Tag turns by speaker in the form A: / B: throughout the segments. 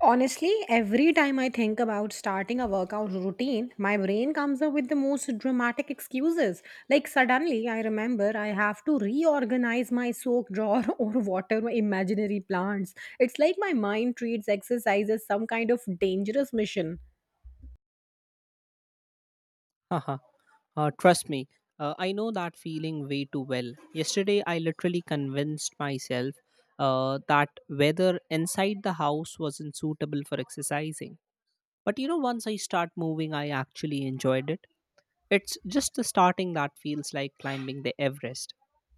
A: Honestly, every time I think about starting a workout routine, my brain comes up with the most dramatic excuses. Like, suddenly I remember I have to reorganize my soap drawer or water my imaginary plants. It's like my mind treats exercise as some kind of dangerous mission.
B: Haha, trust me, I know that feeling way too well. Yesterday, I literally convinced myself that weather inside the house wasn't suitable for exercising. But once I start moving, I actually enjoyed it. It's just the starting that feels like climbing the Everest.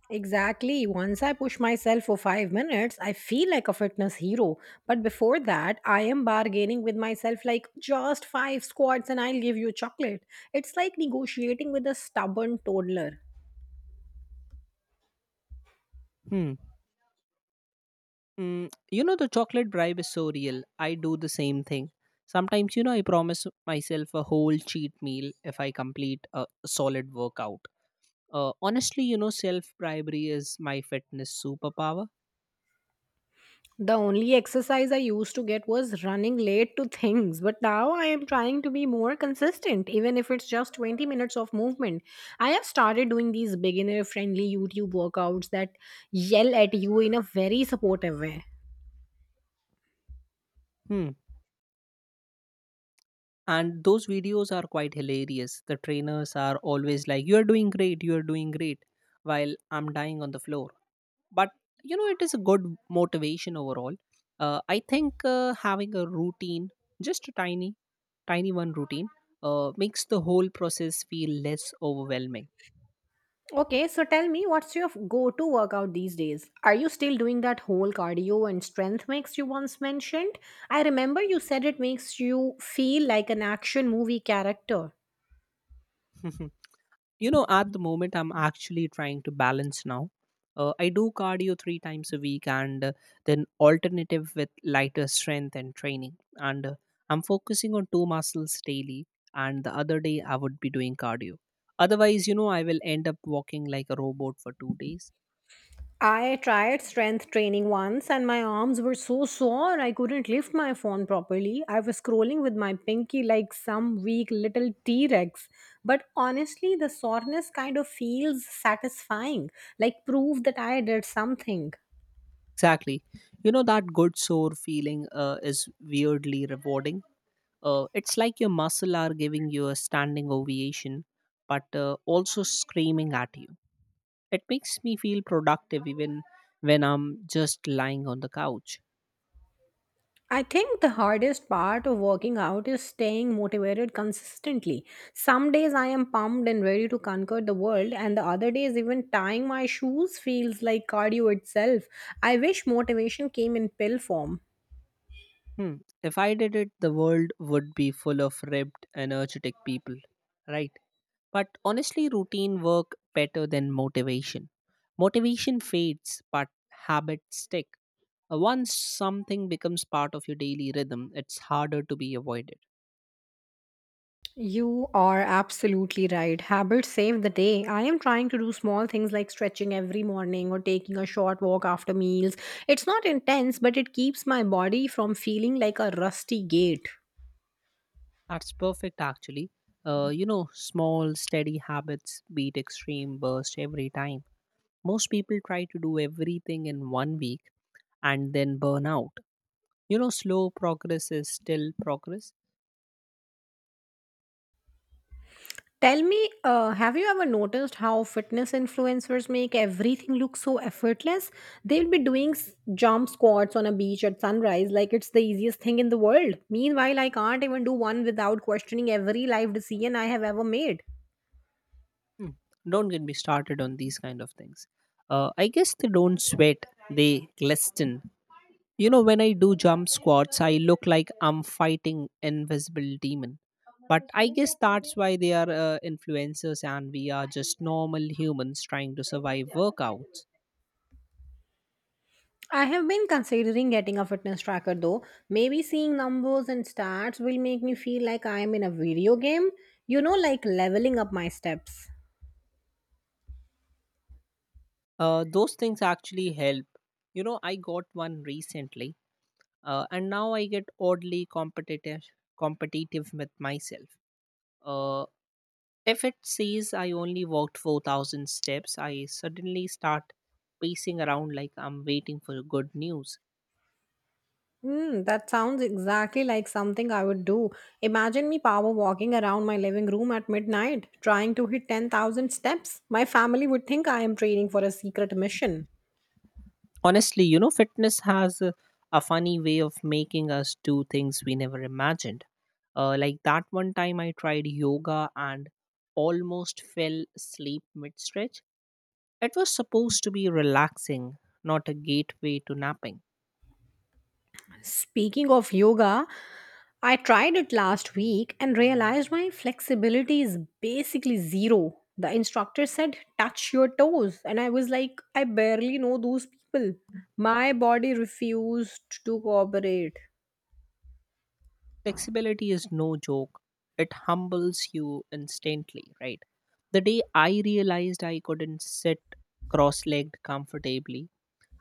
A: Exactly. Once I push myself for 5 minutes, I feel like a fitness hero. But before that, I am bargaining with myself like just five squats and I'll give you chocolate. It's like negotiating with a stubborn toddler.
B: Hmm. The chocolate bribe is so real. I do the same thing. Sometimes, I promise myself a whole cheat meal if I complete a solid workout. Honestly, self bribery is my fitness superpower.
A: The only exercise I used to get was running late to things, but now I am trying to be more consistent, even if it's just 20 minutes of movement. I have started doing these beginner friendly YouTube workouts that yell at you in a very supportive way.
B: Hmm. And those videos are quite hilarious. The trainers are always like, "You're doing great, you're doing great," while I'm dying on the floor. But it is a good motivation overall. I think having a routine, just a tiny tiny one routine, makes the whole process feel less overwhelming.
A: Okay, so tell me, what's your go to workout these days? Are you still doing that whole cardio and strength mix you once mentioned? I remember you said it makes you feel like an action movie character.
B: At the moment, I'm actually trying to balance now. I do cardio 3 times a week, and then alternative with lighter strength and training, and I'm focusing on two muscles daily. And the other day I would be doing cardio. Otherwise, I will end up walking like a robot for 2 days.
A: I tried strength training once and my arms were so sore I couldn't lift my phone properly. I was scrolling with my pinky like some weak little T Rex. But honestly, the soreness kind of feels satisfying, like proof that I did something.
B: Exactly. That good sore feeling is weirdly rewarding. It's like your muscle are giving you a standing ovation, but also screaming at you. It makes me feel productive even when I'm just lying on the couch.
A: I think the hardest part of working out is staying motivated consistently. Some days I am pumped and ready to conquer the world, and the other days, even tying my shoes feels like cardio itself. I wish motivation came in pill form.
B: Hmm. If I did it, the world would be full of ribbed, energetic people. Right. But honestly, routine work better than motivation. Motivation fades, but habits stick. Once something becomes part of your daily rhythm, it's harder to be avoided.
A: You are absolutely right. Habits save the day. I am trying to do small things like stretching every morning or taking a short walk after meals. It's not intense, but it keeps my body from feeling like a rusty gate.
B: That's perfect, actually. Small, steady habits beat extreme bursts every time. Most people try to do everything in one week and then burn out. Slow progress is still progress.
A: Tell me, have you ever noticed how fitness influencers make everything look so effortless? They'll be doing jump squats on a beach at sunrise like it's the easiest thing in the world. Meanwhile, I can't even do one without questioning every life decision I have ever made.
B: Hmm. Don't get me started on these kind of things. I guess they don't sweat, they glisten. When I do jump squats, I look like I'm fighting invisible demon. But I guess that's why they are influencers, and we are just normal humans trying to survive workouts.
A: I have been considering getting a fitness tracker though. Maybe seeing numbers and stats will make me feel like I am in a video game. You know, like leveling up my steps.
B: Those things actually help. I got one recently, and now I get oddly competitive with myself. Uh, if it says I only walked 4,000 steps, I suddenly start pacing around like I'm waiting for good news.
A: Hmm, that sounds exactly like something I would do. Imagine me power walking around my living room at midnight, trying to hit 10,000 steps. My family would think I am training for a secret mission.
B: Honestly, fitness has a funny way of making us do things we never imagined. Like that one time I tried yoga and almost fell asleep mid stretch. It was supposed to be relaxing, not a gateway to napping.
A: Speaking of yoga, I tried it last week and realized my flexibility is basically zero. The instructor said, touch your toes. And I was like, I barely know those people. My body refused to cooperate.
B: Flexibility is no joke, it humbles you instantly, right? The day I realized I couldn't sit cross legged comfortably,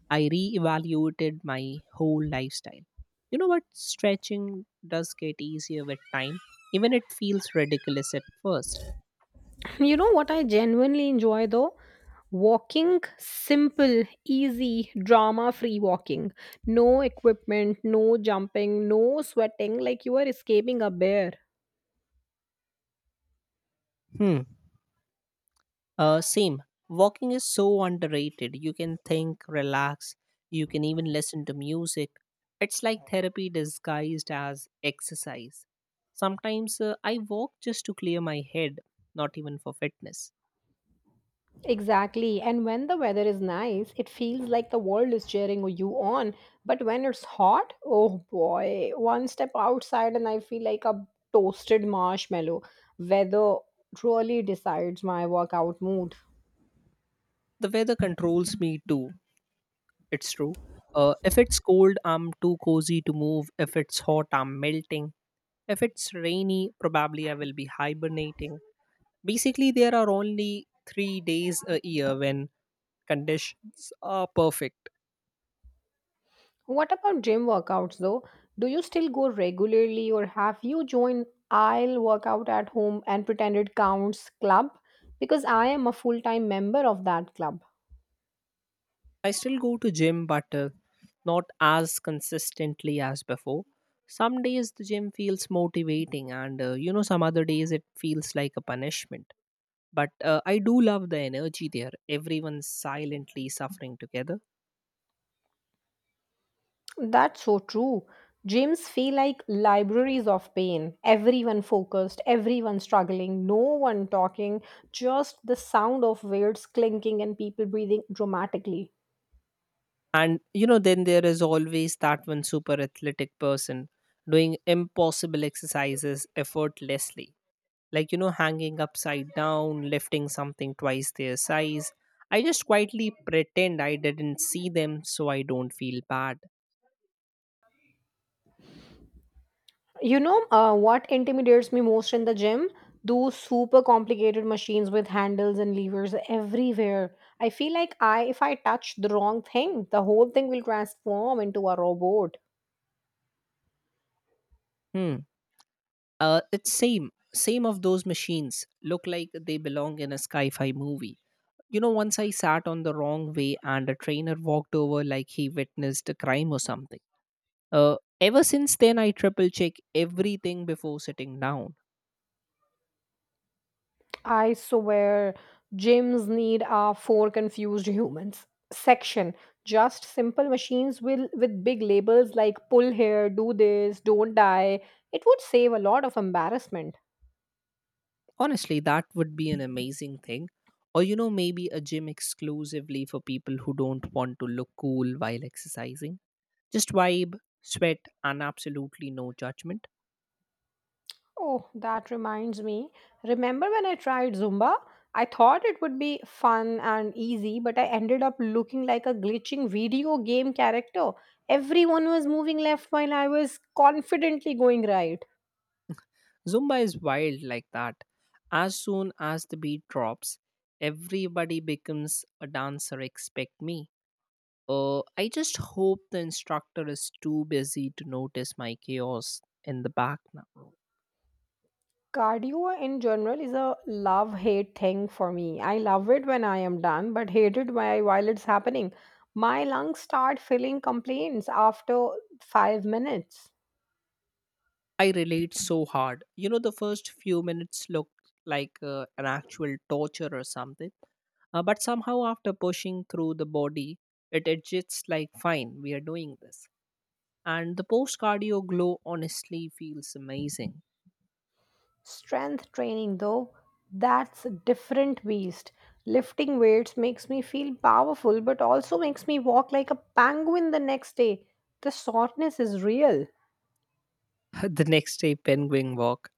B: I reevaluated my whole lifestyle. You know what? Stretching does get easier with time. Even it feels ridiculous at first.
A: You know what I genuinely enjoy though? Walking, simple, easy, drama free walking. No equipment, no jumping, no sweating, like you are escaping a bear.
B: Hmm. Same. Walking is so underrated. You can think, relax. You can even listen to music. It's like therapy disguised as exercise. Sometimes I walk just to clear my head, not even for fitness.
A: Exactly. And when the weather is nice, it feels like the world is cheering you on. But when it's hot, oh boy, one step outside and I feel like a toasted marshmallow. Weather really decides my workout mood.
B: The weather controls me too. It's true. If it's cold, I'm too cozy to move. If it's hot, I'm melting. If it's rainy, probably I will be hibernating. Basically, there are only 3 days a year when conditions are perfect.
A: What about gym workouts though? Do you still go regularly or have you joined I'll workout at home and pretend it counts club? Because I am a full time member of that club.
B: I still go to gym, but not as consistently as before. Some days the gym feels motivating, and some other days it feels like a punishment. But I do love the energy there. Everyone's silently suffering together.
A: That's so true. Gyms feel like libraries of pain. Everyone focused, everyone struggling, no one talking, just the sound of weights clinking and people breathing dramatically.
B: And then there is always that one super athletic person doing impossible exercises effortlessly. Like, hanging upside down, lifting something twice their size. I just quietly pretend I didn't see them so I don't feel bad.
A: You know, what intimidates me most in the gym? Those super complicated machines with handles and levers everywhere. I feel like I if I touch the wrong thing, the whole thing will transform into a robot.
B: Hmm. It's same. Same of those machines. Look like they belong in a sci fi movie. Once I sat on the wrong way and a trainer walked over like he witnessed a crime or something. Ever since then, I triple check everything before sitting down.
A: I swear gyms need our four confused humans section. Just simple machines will with big labels like pull here, do this, don't die. It would save a lot of embarrassment.
B: Honestly, that would be an amazing thing. Or, maybe a gym exclusively for people who don't want to look cool while exercising. Just vibe, sweat, and absolutely no judgment.
A: Oh, that reminds me. Remember when I tried Zumba? I thought it would be fun and easy, but I ended up looking like a glitching video game character. Everyone was moving left while I was confidently going right.
B: Zumba is wild like that. As soon as the beat drops, everybody becomes a dancer except me. I just hope the instructor is too busy to notice my chaos in the back now.
A: Cardio in general is a love hate thing for me. I love it when I am done, but hate it while it's happening. My lungs start feeling complaints after 5 minutes.
B: I relate so hard. The first few minutes look like an actual torture or something. But somehow, after pushing through the body, it adjusts like, fine, we are doing this. And the post cardio glow honestly feels amazing.
A: Strength training, though, that's a different beast. Lifting weights makes me feel powerful, but also makes me walk like a penguin the next day. The soreness is real.
B: The next day, penguin walk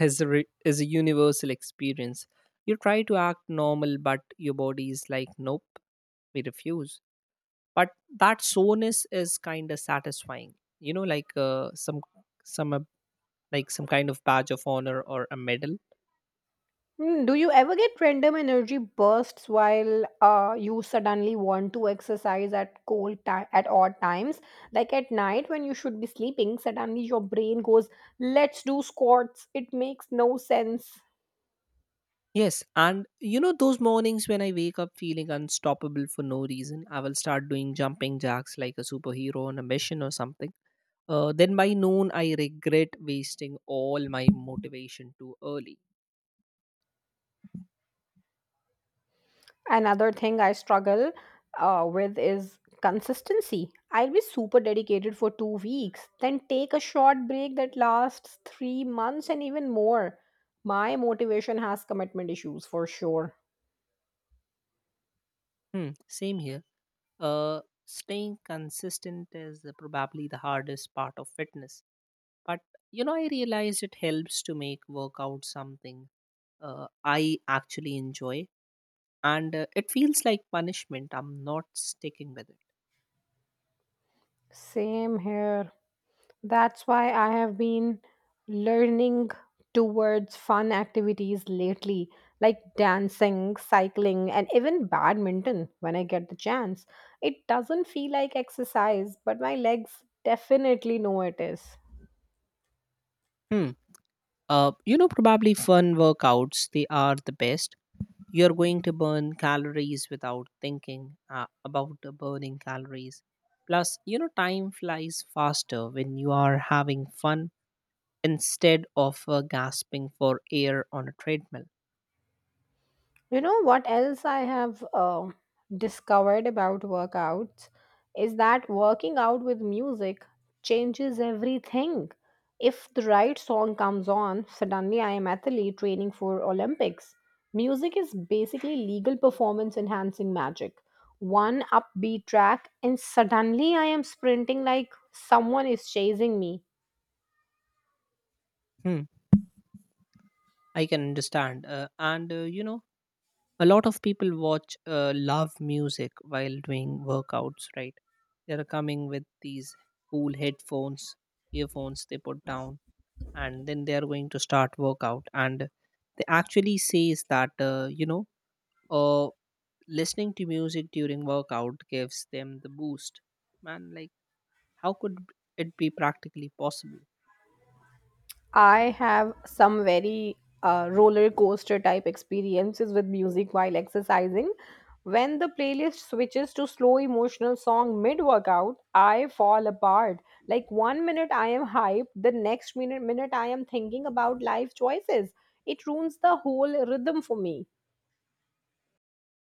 B: is a universal experience. You try to act normal, but your body is like, nope, we refuse. But that soreness is kind of satisfying. Like, some, like some kind of badge of honor or a medal.
A: Mm, do you ever get random energy bursts while you suddenly want to exercise at cold time at odd times? Like at night when you should be sleeping, suddenly your brain goes, "Let's do squats." It makes no sense.
B: Yes, and those mornings when I wake up feeling unstoppable for no reason, I will start doing jumping jacks like a superhero on a mission or something. Then by noon, I regret wasting all my motivation too early.
A: Another thing I struggle with is consistency. I'll be super dedicated for 2 weeks, then take a short break that lasts 3 months and even more. My motivation has commitment issues for sure.
B: Hmm, same here. Staying consistent is probably the hardest part of fitness. But I realized it helps to make workout something I actually enjoy, and it feels like punishment. I'm not sticking with it.
A: Same here. That's why I have been learning towards fun activities lately, like dancing, cycling, and even badminton when I get the chance. It doesn't feel like exercise, but my legs definitely know it is.
B: Hmm. Probably fun workouts, they are the best. You're going to burn calories without thinking about the burning calories. Plus, time flies faster when you are having fun instead of gasping for air on a treadmill.
A: You know what else I have discovered about workouts is that working out with music changes everything. If the right song comes on, suddenly I am athlete training for Olympics. Music is basically legal performance enhancing magic. One upbeat track, and suddenly I am sprinting like someone is chasing me.
B: Hmm, I can understand. And a lot of people watch love music while doing workouts, right? They're coming with these cool headphones, earphones, they put down, and then they're going to start workout. And they actually says that uh, listening to music during workout gives them the boost. Man, like, how could it be practically possible?
A: I have some very roller coaster type experiences with music while exercising. When the playlist switches to slow emotional song mid workout, I fall apart. Like one minute I am hyped, the next minute I am thinking about life choices. It ruins the whole rhythm for me.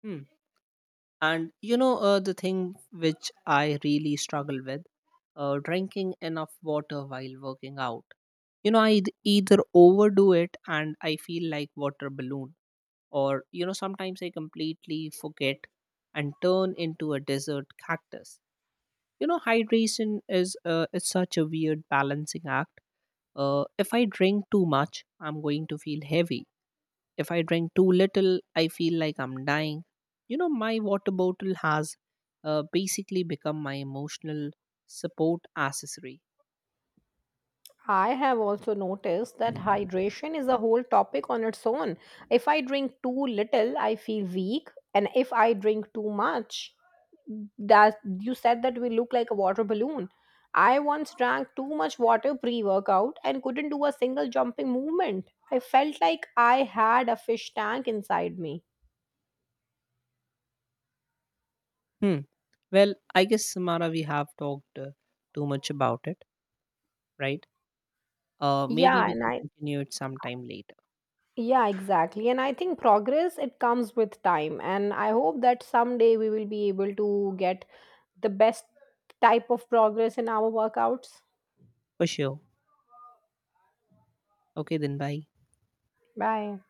B: Hmm. And the thing which I really struggle with, drinking enough water while working out. I either overdo it and I feel like water balloon, or sometimes I completely forget and turn into a desert cactus. Hydration is such a weird balancing act. If I drink too much, I'm going to feel heavy. If I drink too little, I feel like I'm dying. My water bottle has basically become my emotional support accessory.
A: I have also noticed that hydration is a whole topic on its own. If I drink too little, I feel weak, and if I drink too much, that you said that we look like a water balloon. I once drank too much water pre workout and couldn't do a single jumping movement. I felt like I had a fish tank inside me.
B: Hmm. Well, I guess Samara, we have talked too much about it, right? Maybe
A: Yeah,
B: we
A: and
B: can
A: I
B: continue it sometime later.
A: yeah, exactly. And I think progress it comes with time and I hope that someday we will be able to get the best type of progress in our workouts.
B: For sure. Okay, then bye.
A: Bye.